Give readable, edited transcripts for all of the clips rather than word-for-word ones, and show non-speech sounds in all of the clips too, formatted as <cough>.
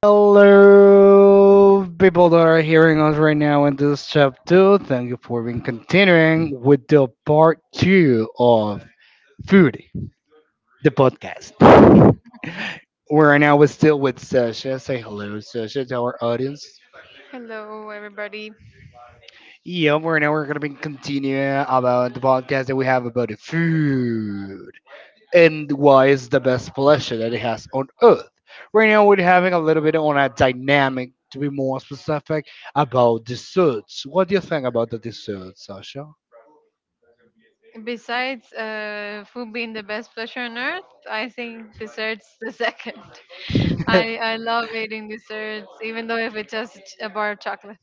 Hello, people that are hearing us right now in this chapter. Thank you for being continuing with the part 2 of Food, the podcast. We're right now we're still with Sasha. Say hello, Sasha, to our audience. Hello, everybody. Yeah, we're gonna be continuing about the podcast that we have about the food. And why is the best pleasure that it has on earth. Right now, we're having a little bit on a dynamic, to be more specific, about desserts. What do you think about the desserts, Sasha? Besides food being the best pleasure on earth, I think desserts the second. <laughs> I love <laughs> eating desserts, even though if it's just a bar of chocolate.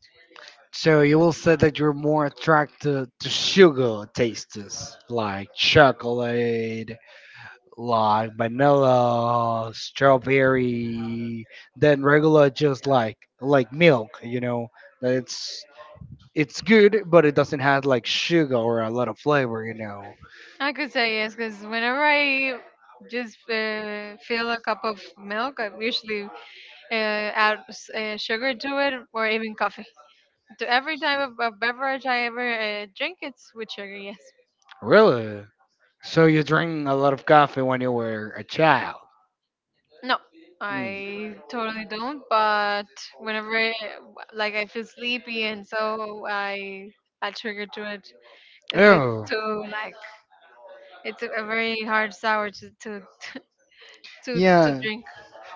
So you will say that you're more attracted to sugar tastes like chocolate, like vanilla, strawberry, than regular just like milk. That it's good, but it doesn't have like sugar or a lot of flavor. I could say yes, because whenever I just fill a cup of milk, I usually sugar to it or even coffee. To every type of beverage I ever drink, it's with sugar, yes. Really? So you drink a lot of coffee when you were a child? No, Hmm. I totally don't, but whenever, I- like, I feel sleepy and so I add sugar to it because it's Oh. too, like, it's a very hard sour to Yeah. drink.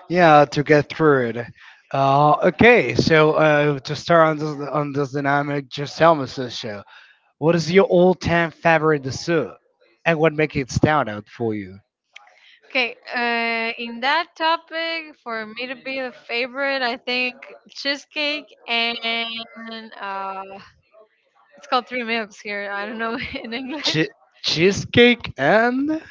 Yeah, to get through it. Okay, so to start on this, dynamic, just tell me, Sasha, what is your all-time favorite dessert, and what makes it stand out for you? Okay, in that topic, for me to be a favorite, I think cheesecake and uh, it's called three milks here. I don't know <laughs> in <laughs> English. Che- Cheesecake and.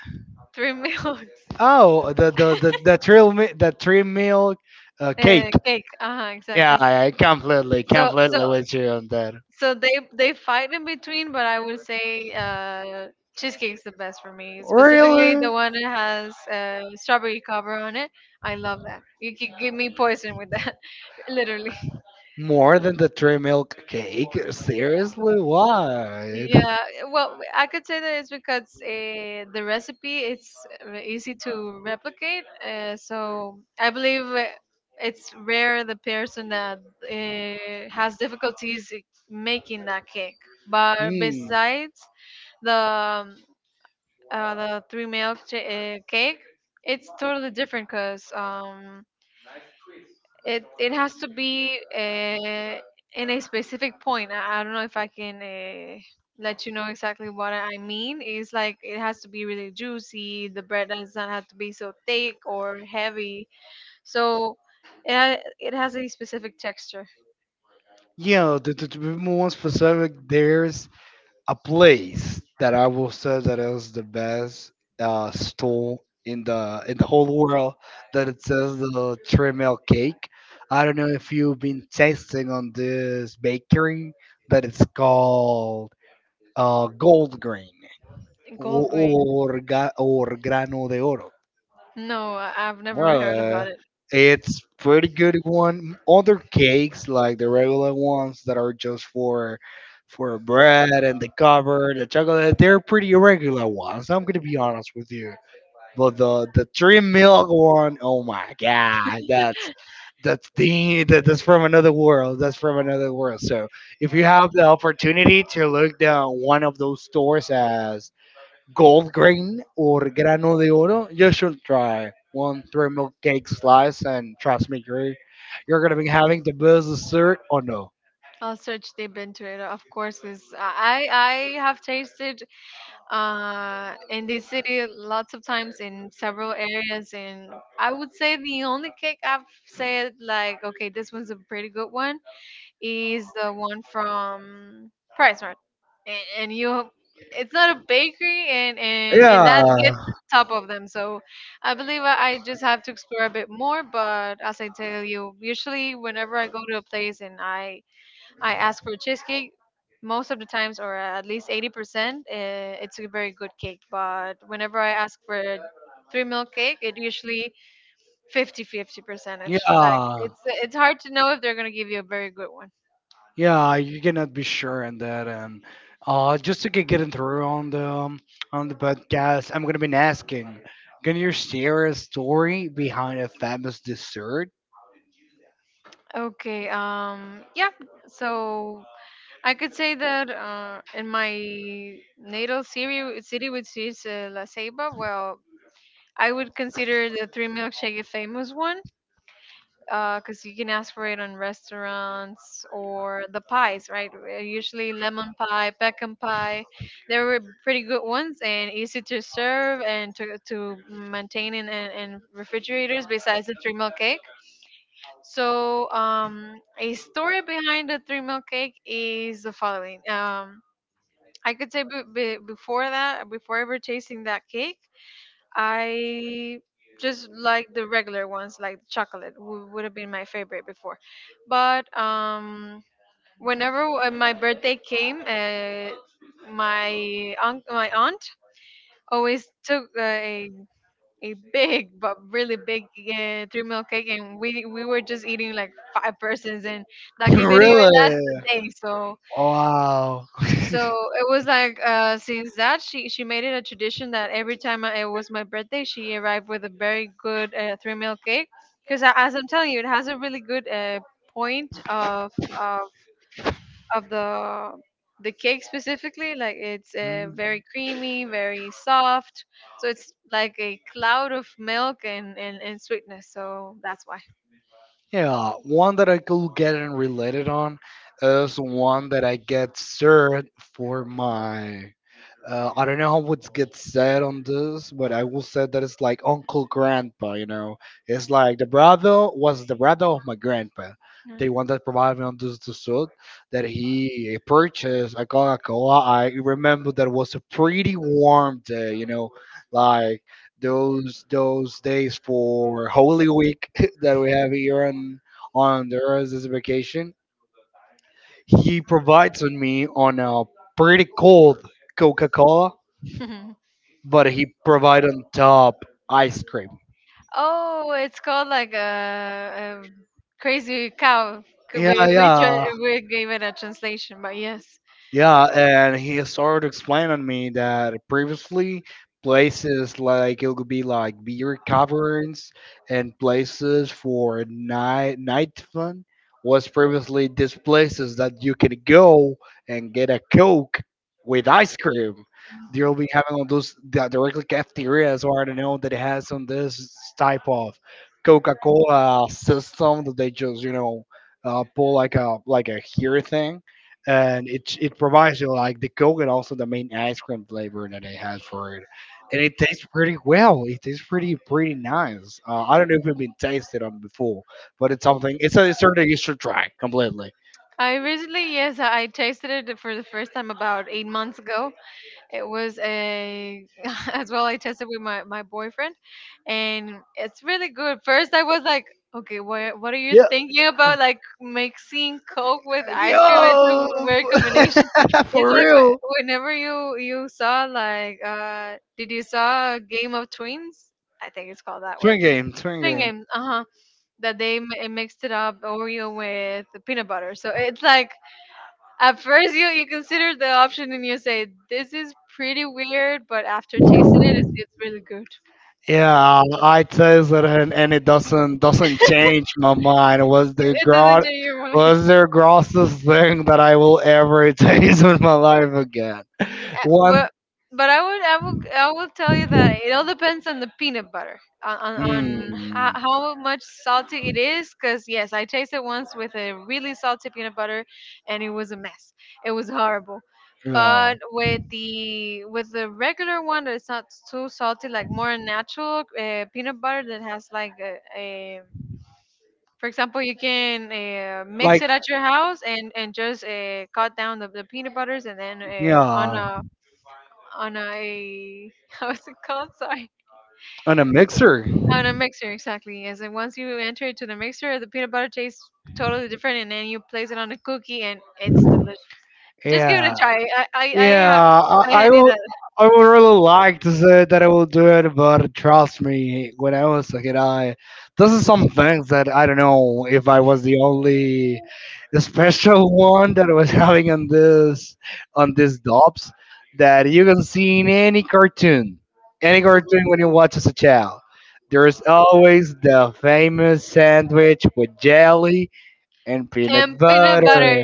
Three milks. Oh, the tree milk cake. Cake. Uh huh. Yeah, Exactly. I completely So so. completely with you on that. So they fight in between, but I would say cheesecake's the best for me. Specifically, Really? the one that has strawberry cover on it. I love that. You could give me poison with that, <laughs> literally. More than the tree milk cake? Seriously? Why? Yeah. Well, I could say that it's because the recipe it's easy to replicate. So I believe it's rare the person that has difficulties making that cake. But Hmm. besides the um, the three milk cake. It's totally different because it has to be uh, in a specific point. I don't know if I can let you know exactly what I mean. It's like it has to be really juicy. The bread does not have to be so thick or heavy. So it has a specific texture. Yeah, to be more specific, there's a place that I will say that is the best stall in the whole world that it says the three milk cake. I don't know if you've been tasting on this bakery that it's called Gold Grain or, Gold grain. or Grano de Oro. No, I've never heard Well, about it. it's pretty good one. Other cakes like the regular ones that are just for bread and the cover, the chocolate, they're pretty irregular ones. I'm gonna be honest with you. But the three milk one, oh my god, that's from another world. That's from another world. So if you have the opportunity to look down one of those stores as Gold Grain or Grano de Oro, you should try one three milk cake slice and trust me, Gary, you're gonna be having the best dessert or no. I'll search deep into it, of course, because I have tasted in this city lots of times in several areas, and I would say the only cake I've said like, okay, this one's a pretty good one is the one from Price Mart, and you, it's not a bakery, and that gets Yeah. top of them. So I believe I just have to explore a bit more, but as I tell you, usually whenever I go to a place and I ask for cheesecake most of the times, or at least 80%. It's a very good cake. But whenever I ask for three milk cake, it usually 50-50 Yeah. percentage. Like, it's hard to know if they're going to give you a very good one. Yeah, you cannot be sure on that. And just to getting through on the podcast, I'm gonna be asking, can you share a story behind a famous dessert? Okay. Yeah. So I could say that in my natal city which is La Ceiba, well, I would consider the three milkshake a famous one, because you can ask for it on restaurants or the pies, right? Usually lemon pie, pecan pie. They were pretty good ones and easy to serve and to maintain in refrigerators besides the three mil cake. So, a story behind the three mil cake is the following. I could say before that, before ever tasting that cake, I just like the regular ones, like the chocolate would have been my favorite before. But whenever my birthday came, my aunt always took a big but really big three meal cake, and we were just eating like five persons, and <laughs> that cake didn't even last Really? the day. So Wow. <laughs> so it was like since that she made it a tradition that every time I- it was my birthday, she arrived with a very good three meal cake, because as I'm telling you, it has a really good uh, point of of of the the cake specifically. Like it's Mm. very creamy, very soft, so it's like a cloud of milk and sweetness, so that's why. Yeah, one that I could get and related on is one that I get served for my. I don't know how it gets said on this, but I will say that it's like uncle grandpa. It's like the brother of my grandpa. The one that provided me on this dessert that he purchased a Coca Cola. I remember that was a pretty warm day, like those days for Holy Week <laughs> that we have here on the Earth as a vacation. He provides on me on a pretty cold Coca Cola, Mm. <laughs> but he provided on top ice cream. Oh, it's called like a, crazy cow. Could Yeah, we, yeah. if we gave it a translation, but yes, Yeah, and he started explaining to me that previously places like it could be like beer caverns and places for night fun was previously these places that you can go and get a coke with ice cream. They'll be having all those directly cafeterias or I don't know that has on this type of Coca Cola system that they just pull like a here thing and it provides you like the coconut, also the main ice cream flavor that they had for it, and it tastes pretty well. It tastes pretty nice. I don't know if it's been tasted on before, but it's something. It's a dessert that you should try completely. I recently, yes, I tasted it for the first time about 8 months ago. It was a <laughs> as well I tested with my boyfriend, and it's really good. First I was like, okay, what are you Yeah, thinking about, like mixing Coke with ice cream? It's a yo, weird combination. <laughs> <laughs> It's for like real. whenever you you saw like did you saw Game of Twins? I think it's called that way. Twin game, twin Twin game. Games, uh huh. That they mixed it up Oreo with peanut butter. So it's like at first, you consider the option and you say this is pretty weird, but after tasting it, it's really good. Yeah, I taste it, and it doesn't change my mind. It was It doesn't change your mind. The grossest thing that I will ever <laughs> taste in my life again. Uh, One, but but I would I would I will tell you that it all depends on the peanut butter on mm, how much salty it is, because yes, I tasted once with a really salty peanut butter, and it was a mess, it was horrible. yeah, But with the regular one, that's not too salty, like more natural peanut butter that has like a for example, you can mix like it at your house and just cut down the peanut butters, and then yeah, on a <laughs> how is it called? Sorry, on a mixer. on a mixer exactly. As in once you enter it to the mixer, the peanut butter tastes totally different, and then you place it on a cookie and it's delicious. Just give it Yeah, a try. I I I, yeah, ha- I, I I hand you will. that. I would really like to say that I will do it, but trust me, when I was a kid, I this is some things that I don't know if I was the only special <laughs> one that I was having on this on these dobs that you can see in any cartoon, when you watch as a child. There is always the famous sandwich with jelly and peanut And peanut butter. butter,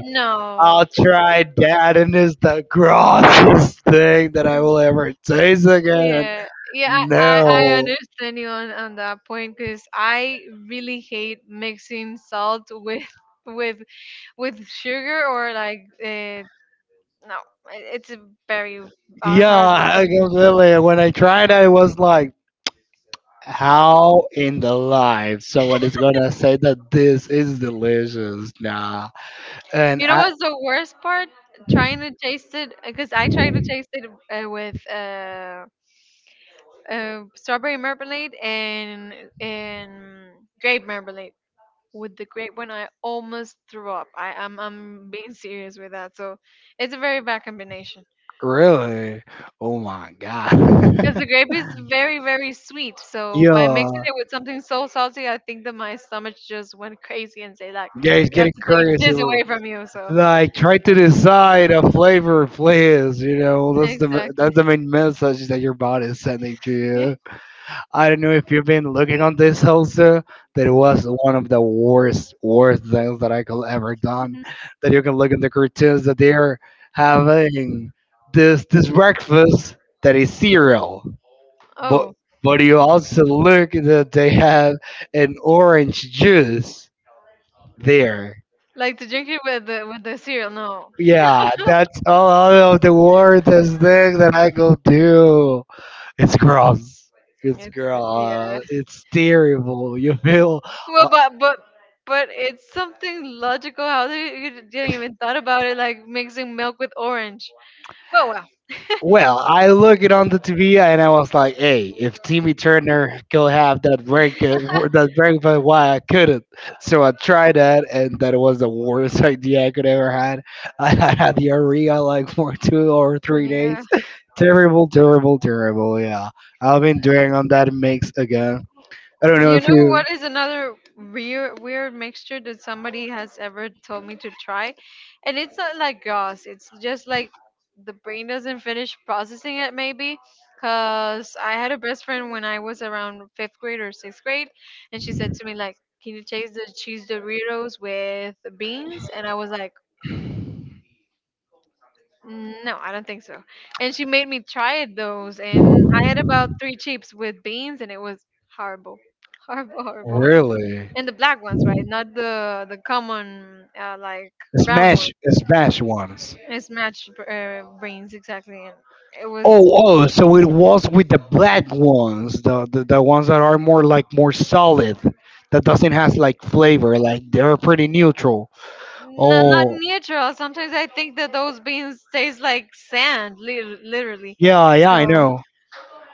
I'll no. try dad and it's the grossest thing that I will ever taste again. Yeah, yeah, I No. understand you on that point, because I really hate mixing salt with <laughs> with with sugar or like no, it's a very Yeah, horrible I combination. completely. When I tried I was like, how in the life someone is gonna say that this is delicious? Nah. And You know I what's the worst part? Trying to taste it, because I tried to taste it with strawberry marmalade and grape marmalade. With the grape one, I almost threw up. I'm being serious with that. So it's a very bad combination, really, oh my god. because the grape is very very sweet. <laughs> So by Yeah. mixing it with something so salty, I think that my stomach just went crazy and say like, Yeah, he's you have getting to take crazy. this away from you. So Like try to decide a flavor, please. You know that's the exactly. that's the main message that your body is sending to <laughs> Yeah. you. I don't know if you've been looking on this also. That it was one of the worst things that I could ever done. That you can look in the cartoons that they're having this breakfast that is cereal, but Oh, but you also look that they have an orange juice there. like to drink it with the cereal? No, <laughs> Yeah, that's all out of the worst thing that I could do. It's gross. It's it's good. Yeah. gross. It's terrible. <laughs> You feel. Well, Uh, but but but it's something logical. How they you you didn't even thought about it, like mixing milk with orange. But well, well, I look it on the TV and I was like, "Hey, if Timmy Turner could have that break, uh, <laughs> that breakfast, why I couldn't?" So I tried that, and that was the worst <laughs> idea I could ever had. <laughs> I had diarrhea like for <laughs> two or three yeah. days. <laughs> Terrible, terrible, terrible. Yeah. I've been doing on that mix again. I don't know You if know you what is another weird mixture that somebody has ever told me to try, and it's not like grass. It's just like the brain doesn't finish processing it, maybe because I had a best friend when I was around fifth grade or sixth grade, and she said to me, like, can you taste the cheese Doritos with beans? And I was like, mm, no, I don't think so. And she made me try it those, and I had about three chips with beans, and it was horrible, <laughs> horrible, horrible, horrible. really And the black ones, right? Not the the common like brown one. smash ones. It's matched beans exactly, and it was Oh, so it was with the black ones, the ones that are more like more solid, that doesn't have like flavor, like they're pretty neutral. not not Oh, neutral. Sometimes I think that those beans taste like sand, literally. yeah, yeah, I So know.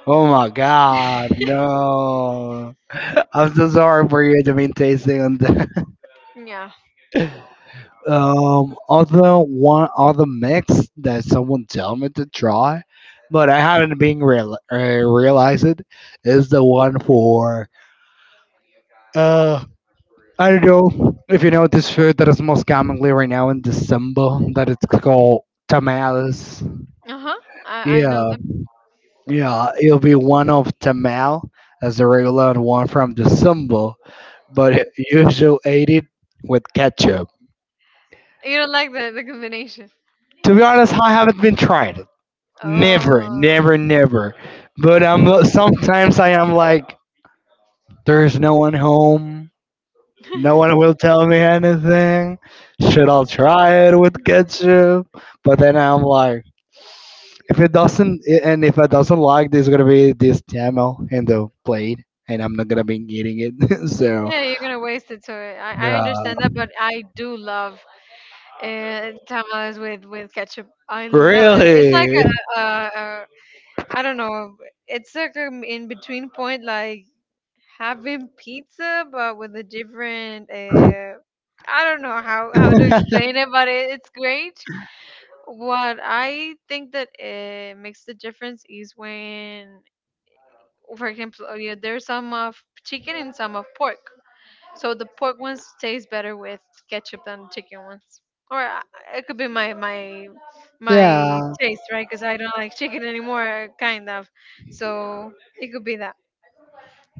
Oh my God, no! I'm so sorry for you to be tasting on that. yeah, Other mix that someone tell me to try, but I haven't been realized it is the one for. uh I don't know if you know this food that is most commonly right now in December that it's called tamales. uh huh. I know Yeah, them. yeah, it'll be one of tamal as the regular and one from December, but you should eat it with ketchup. You don't like the combination. To be honest, I haven't been tried. Never, Oh. never, never. But I'm sometimes I am like, there's no one home. No one will <laughs> tell me anything. Should I try it with ketchup? But then I'm like, if it doesn't, and if I doesn't like, there's gonna be this Tamil in the plate, and I'm not gonna be eating it. <laughs> So, Yeah, you're gonna waste it. So I yeah, understand that, but I do love tamales with ketchup. I love it. It's like really, a I don't know. It's like an in between point, like having pizza but with a different. I don't know how to <laughs> explain it, but it's great. What I think that makes the difference is when, for example, oh yeah, there's some of chicken and some of pork. So the pork ones taste better with ketchup than the chicken ones. Or it could be my yeah. taste, right? Because I don't like chicken anymore, kind of. So it could be that.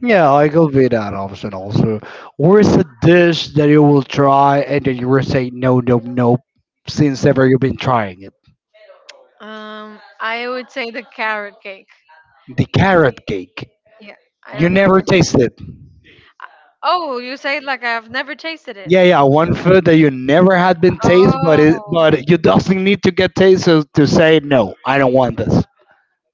Yeah, I go with that option also. Or is a dish that you will try and then you will say no, no, no, since ever you've been trying it? I would say the carrot cake. The carrot cake. Yeah, I You don't like never it. taste it. Oh, you say it like I've never tasted it. Yeah, yeah, one food that you never had been taste, but Oh, you doesn't need to get tasted to say no. I don't want this.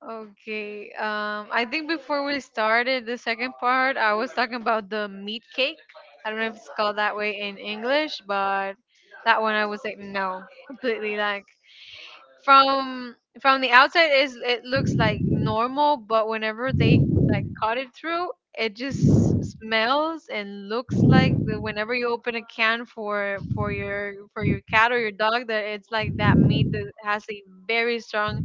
okay. I think before we started the second part, I was talking about the meat cake. I don't know if it's called that way in English, but that one I would say no, completely, like from from the outside is it looks like normal, but whenever they like cut it through, it just smells and looks like the- whenever you open a can for for your cat or your dog, that it's like that meat that has a very strong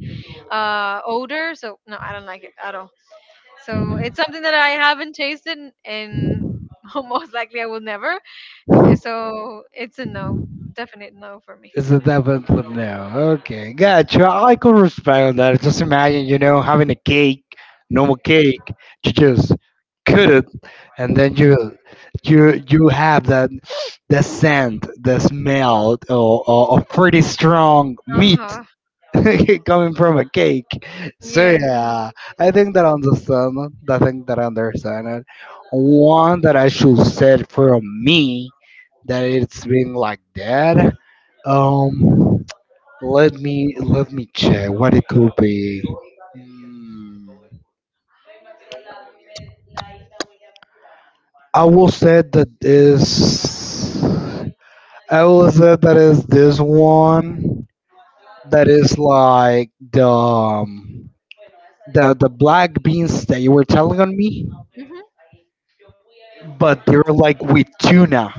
odor. So no, I don't like it at all. So it's something that I haven't tasted, and <laughs> most likely I will never so it's a no, definite no for me. It's a definitely no. Okay, gotcha. I could respect that. Just imagine, having a cake, normal cake, you just cut it, and then you have that the scent, the smell, or pretty strong Uh meat huh. <laughs> coming from a cake. So Yes. yeah, I think that I understand. I think that I understand it. One that I should say from me that it's been like that. Um, Let me check what it could be. Hmm. I will say that is. I will say that is this one that is like the black beans that you were telling on me. Hmm. But they are like with tuna.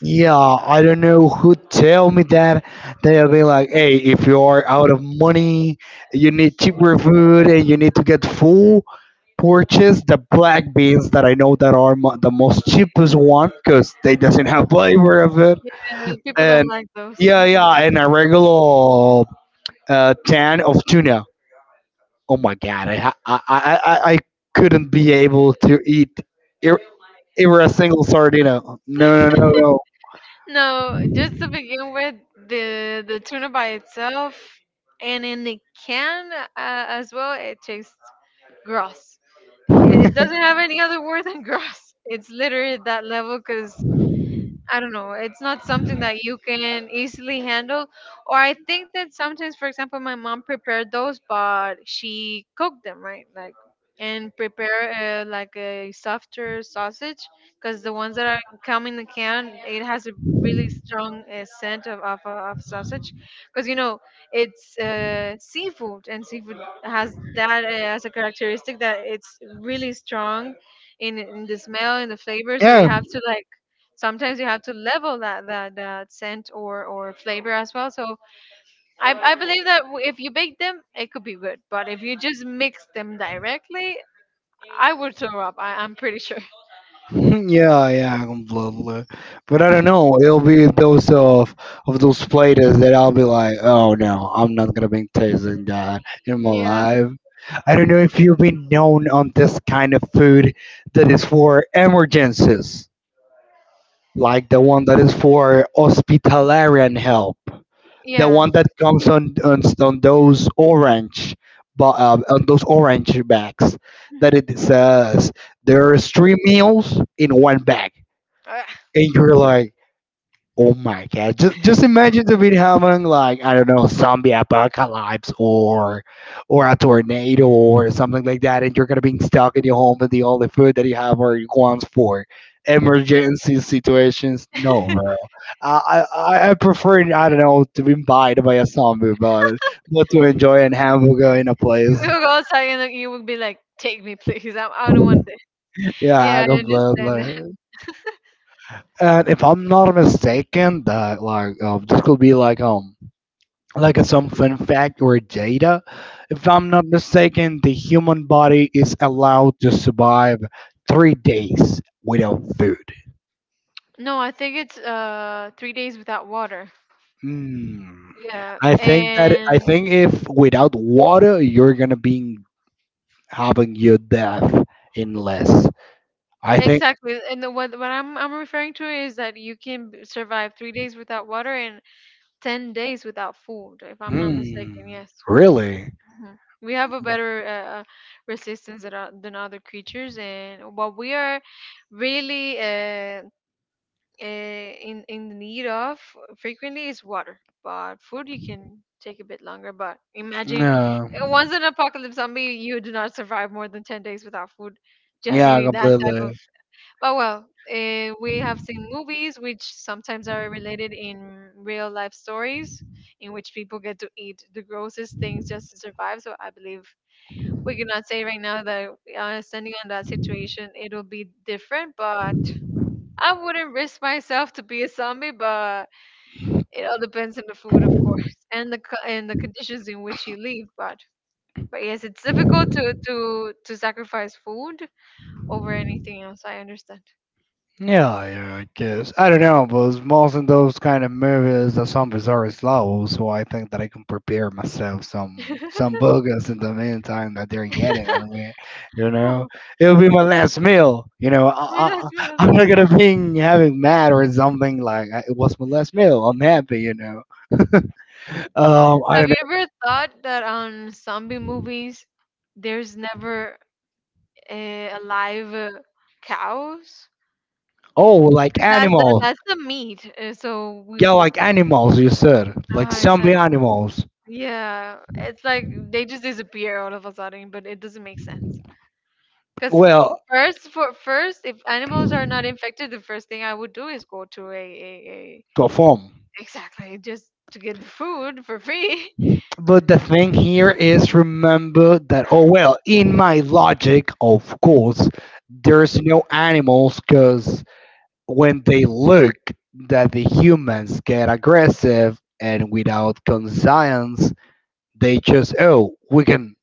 Yeah, I don't know who tell me that. They'll be like, "Hey, if you are out of money, you need cheaper food, and you need to get full. Purchase the black beans that I know that are the most cheapest one because they doesn't have flavor of it. And people don't And like those. yeah, Mhm. yeah, and a regular can of tuna. Oh my god, I ha- I couldn't be able to eat ever ever a single sardina. No, no, no, No, just to begin with, the tuna by itself and in the can as well, it tastes gross. It no. doesn't have any other word than <laughs> gross. It's literally at that level because I don't know. It's not something that you can easily handle. Or I think that sometimes, for example, my mom prepared those, but she cooked them, right? Like, and prepare like a softer sausage, because the ones that are come in the can, it has a really strong scent of sausage, because you know it's seafood, and seafood has that as a characteristic that it's really strong in the smell and the flavor. <laughs> So Yeah, you <laughs> have to like sometimes you have to level that scent or flavor as well. So I believe that if you bake them it could be good, but if you just mix them directly I would throw up. I'm pretty sure. yeah, yeah, completely. But I don't know. It'll be those of those platers that I'll be like, oh no, I'm not gonna be tasting that in my <laughs> Yeah, life. I don't know if you've been known on this kind of food that is for emergencies. Like the one that is for hospitalarian help, the yeah. one that comes on those orange, but on those orange bags Mhm. that it says there is three meals in one bag, and you're like, oh my god! Just imagine the bit having like I don't know zombie apocalypse or a tornado or something like that, and you're gonna be stuck in your home and the only food that you have are your ones for emergency situations. No, <laughs> bro. I prefer I don't know to be bitten by a zombie, but to enjoy an hamburger in a place. You would go outside and you would be like, take me please. I don't want this. Yeah, I Yeah, I understand that. completely. And if I'm not mistaken, that like this could be like some fun fact or data. If I'm not mistaken, the human body is allowed to survive 3 days without food. No, I think it's three days without water. Mm. Yeah, I think that I and think if without water, you're gonna be having your death in less. I think. exactly, and the, what I'm referring to is that you can survive three days without water, and 10 days without food, if I'm not mistaken. Mm, Yes. really? Mhm. We have a better resistance than, than other creatures, and what we are really in need of frequently is water. But food, you can take a bit longer. But imagine No. Once an apocalypse zombie, you do not survive more than 10 days without food. Just Yeah, eating that type of, completely. but well, we have seen movies which sometimes are related in real life stories in which people get to eat the grossest things just to survive. So I believe we cannot say right now that standing on that situation, it'll be different, but I wouldn't risk myself to be a zombie, but it all depends on the food, of course, and the and the conditions in which you live. But yes, it's difficult to sacrifice food over anything else. I understand. Yeah, yeah, I guess. I don't know, but most of those kind of movies, the zombies are slow, so I think that I can prepare myself some <laughs> burgers in the meantime that they're getting on me. You know, <laughs> It'll be my last meal. You Oh know, my I, I, gosh. <laughs> I'm not gonna be having mad or something like It was my last meal. I'm happy, you know." <laughs> I Have don't you know. ever thought that on zombie movies, there's never alive cows? Oh, like 'Cause that's the, animal. that's the meat. So we, Yeah, no, would. like animals. You said like Ah, zombie exactly. animals. Yeah, it's like they just disappear all of a sudden, but it doesn't make sense. Because Well, first, for first, if animals are not infected, the first thing I would do is go to a, perform. exactly, just to get the food for free. <laughs> But the thing here is remember that, oh well, in my logic, of course, there's no animals because when they look that the humans get aggressive and without conscience, they just, oh, we can,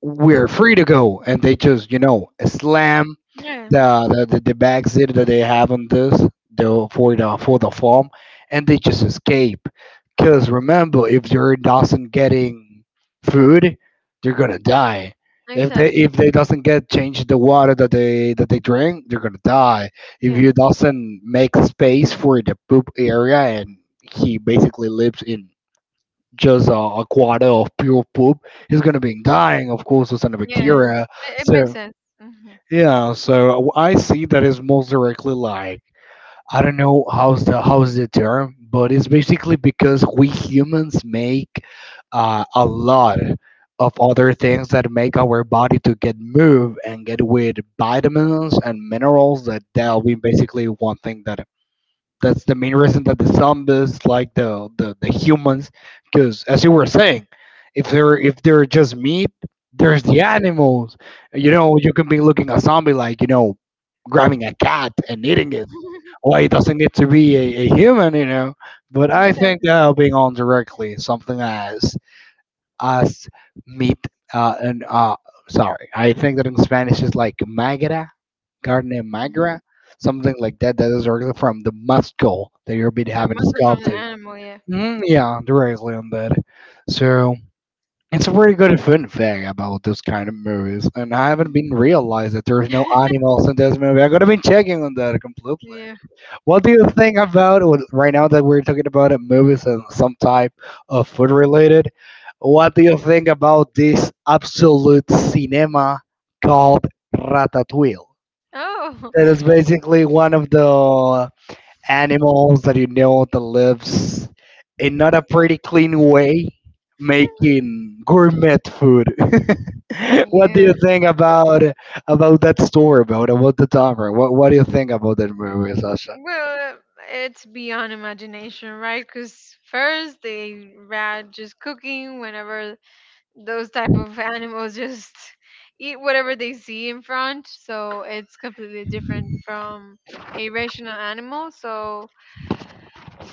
we're free to go. And they just, slam Yeah, the bags that they have on this the for the farm, and they just escape, because remember if they're doesn't getting food, they're gonna die. If they exactly. if they doesn't get change the water that they drink, they're gonna die. If Yeah. you doesn't make space for the poop area, and he basically lives in just a quarter of pure poop, he's gonna be dying, of course, with some Yeah, bacteria. It makes So sense. Mhm, yeah, I see that is most directly like, I don't know how's the term, but it's basically because we humans make a lot of other things that make our body to get move and get with vitamins and minerals that that'll be mhm. basically one thing that that's the main reason that the zombies like the humans, because as you were saying, if they're just meat, there's the animals. You know, you can be looking at zombie like, you know, grabbing a cat and eating it. Why it doesn't need to be a human, you know? But I think Exactly. that being on directly something as as meat and sorry, I think that in Spanish is like magara Gardner Magra, Mhm. something like that. That is directly from the muscle that you your been It having muscle from the sculpted. animal, yeah. Mm, yeah, directly on that. So it's a very good fun fact about those kind of movies, and I haven't been Mhm. realized that there's no <laughs> animals in this movie. I'm gonna be checking on that completely. Yeah. What do you think about right now that we're talking about movies and some type of food related? What do you think about this absolute cinema called Ratatouille? Oh. That is basically one of the animals that, you know, that lives in not a pretty clean way, <laughs> making gourmet food. <laughs> What do Yeah. you think about that story, about the timer? What do you think about that movie, Sasha? Well, it's beyond imagination, right? Because first they rat just cooking whenever those type of animals just <laughs> eat whatever they see in front. So it's completely different from a rational animal. So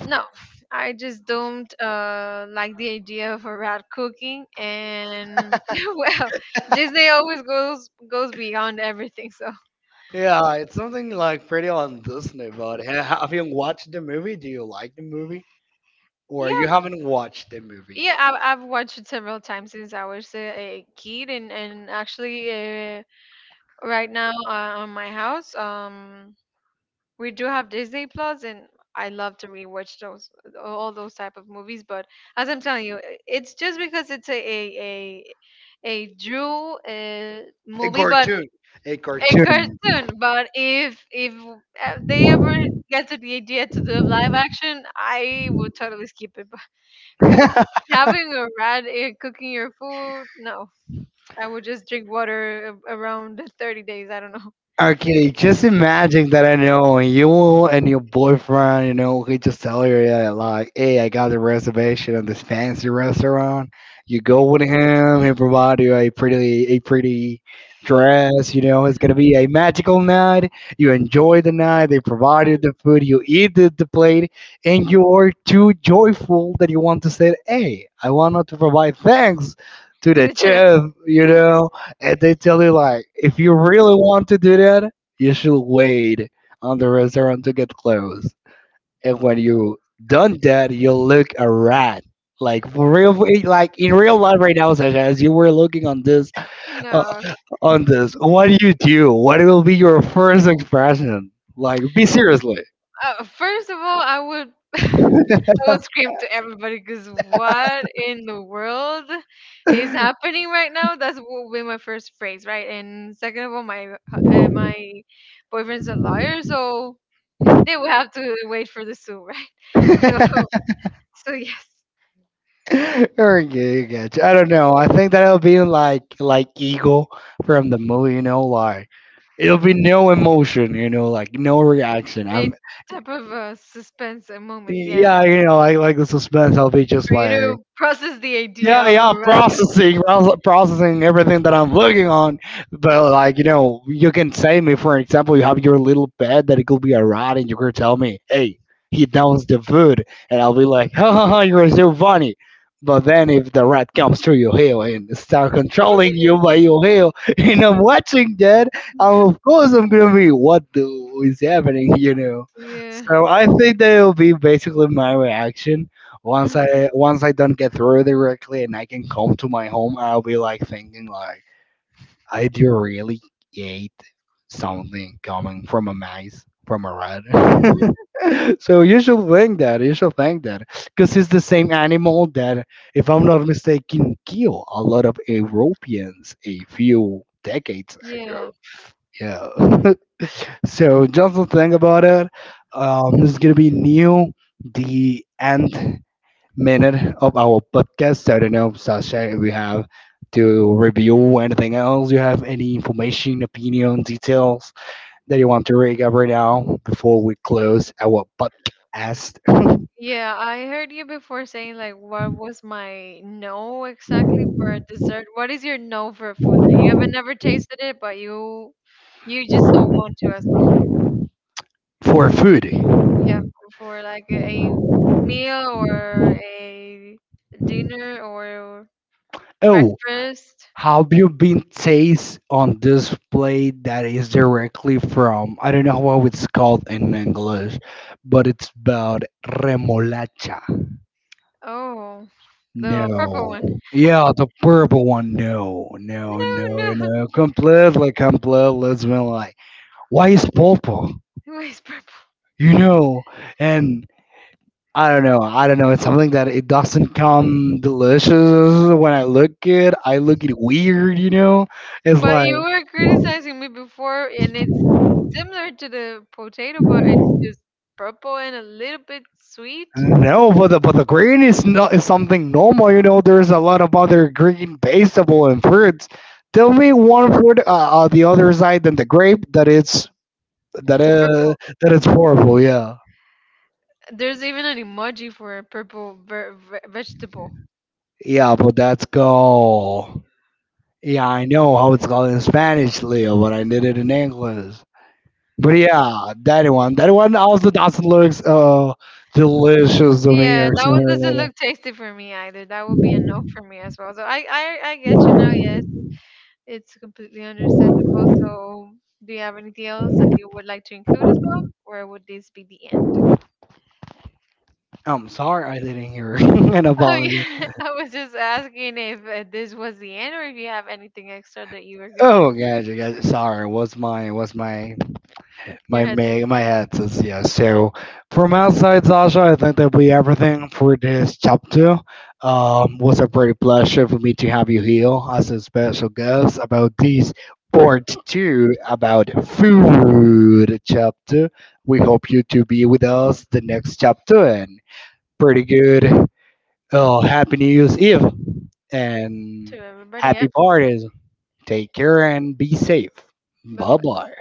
no, I just don't like the idea of a rat cooking, and <laughs> well, Disney always goes beyond everything. So Yeah, it's something like pretty on Disney. But have you watched the movie? Do you like the movie, or yeah, you haven't watched the movie? yeah, I've watched it several times since I was a kid, and actually right now on my house, we do have Disney Plus, and I love to rewatch those all those type of movies. But as I'm telling you, it's just because it's a Drew A movie, but cartoon, a a cartoon. cartoon. But if they ever get to the idea to do live action, I would totally skip it. <laughs> Because <laughs> having a rat cooking your food, no, I would just drink water around 30 days. I don't know. Okay, just imagine that I know you and your boyfriend, you know, he just tell you, yeah, like, hey, I got a reservation at this fancy restaurant. You go with him, he provide you a pretty dress, you know, it's gonna be a magical night. You enjoy the night, they provide you the food, you eat the plate, and you're too joyful that you want to say, hey, I want not to provide thanks <laughs> to To the the chest. chef, you <laughs> know and they tell you like if you really want to do that, you should wait on the restaurant to get closed, and when you done that, you look a rat, like for real, like in real life right now, Sasha, as you were looking on this uh, No, on this, what do you do, what will be your first expression, like be seriously? First of all, I would scream to everybody because what in the world is <laughs> happening right now? That's what would be my first phrase, right? And second of all, my boyfriend's a lawyer, so they would have to wait for the sue, right? <laughs> So so yes, Okay, gotcha. I don't know. I think that'll be like Eagle from the movie, you know, like it'll be no emotion, like no reaction. a I'm type of suspense, a moment, yeah, Yeah, you know, I like the suspense. I'll be just for you like, to process the idea, yeah, yeah, of yeah, yeah, a processing, processing everything that I'm looking on. But like, you know, you can say me, for example, you have your little pet that it could be a rat, and you could tell me, hey, he downs the food, and I'll be like, <laughs> ha ha ha, you're so funny. But then if the rat comes to your heel and start controlling you by your heel, <laughs> and I'm watching that, raccoon. of course I'm gonna be, what the is happening, you know? <laughs> Yeah. So I think that will be basically my reaction. Mhm. Once I don't get through directly and I can come to my home, I'll be like thinking like, I do really hate something coming from a mice from a rat. <laughs> So you should think that, because it's the same animal that, if I'm not mistaken, killed a lot of Europeans a few decades Yeah. ago. Yeah. <laughs> So just to think about it, this is gonna be new. The end minute of our podcast. So I don't know, Sasha, if we have to review anything else. You have any information, opinion, details that you want to bring up right now before we close our podcast Yeah, I heard you before saying like what was my no exactly for a dessert? What is your no for a food that you haven't never tasted it but you just don't want to as well? for food? Yeah, for like a meal or a dinner or Oh, breakfast. have you been taste on this plate that is directly from, I don't know how it's called in English, but it's about remolacha? Oh, the purple No. one. Yeah, the purple one. No, no, No, no, no. <laughs> no. Completely, completely. It's been like, why is purple? It was purple. You know, and I don't know. I don't know. It's something that it doesn't come delicious when I look it. I look it weird. You know, it's But like, you were criticizing me before and it's similar to the potato, but it's just purple and a little bit sweet. no, but the green is not is something normal. You know, there's a lot of other green vegetable and fruits. Tell me one fruit, the other side than the grape, that it's, That is Purple. that is horrible. Yeah, There's even an emoji for a purple vegetable. yeah, but that's go. Yeah, I know how it's called in Spanish, Leo, but I did it in English. But yeah, that one also doesn't look delicious to me Yeah, or that one something doesn't related. look tasty for me either. That would be a no for me as well. So I get you now. Yes, it's completely understandable. So, do you have anything else that you would like to include as well, or would this be the end? I'm sorry, I didn't hear <laughs> an Oh yeah, apology. <laughs> I was just asking if this was the end, or if you have anything extra that you were gonna Oh include gosh, you guys, sorry. What's my in your My head ma- my head says yes. So from outside, Sasha, I think that'll be everything for this chapter. Was a great pleasure for me to have you here as a special guest about this part two about food chapter. We hope you to be with us the next chapter, and pretty good. Oh, happy New Year's Eve, and to everybody. happy Yep. parties. Take care and be safe. Bye Bye bye. bye.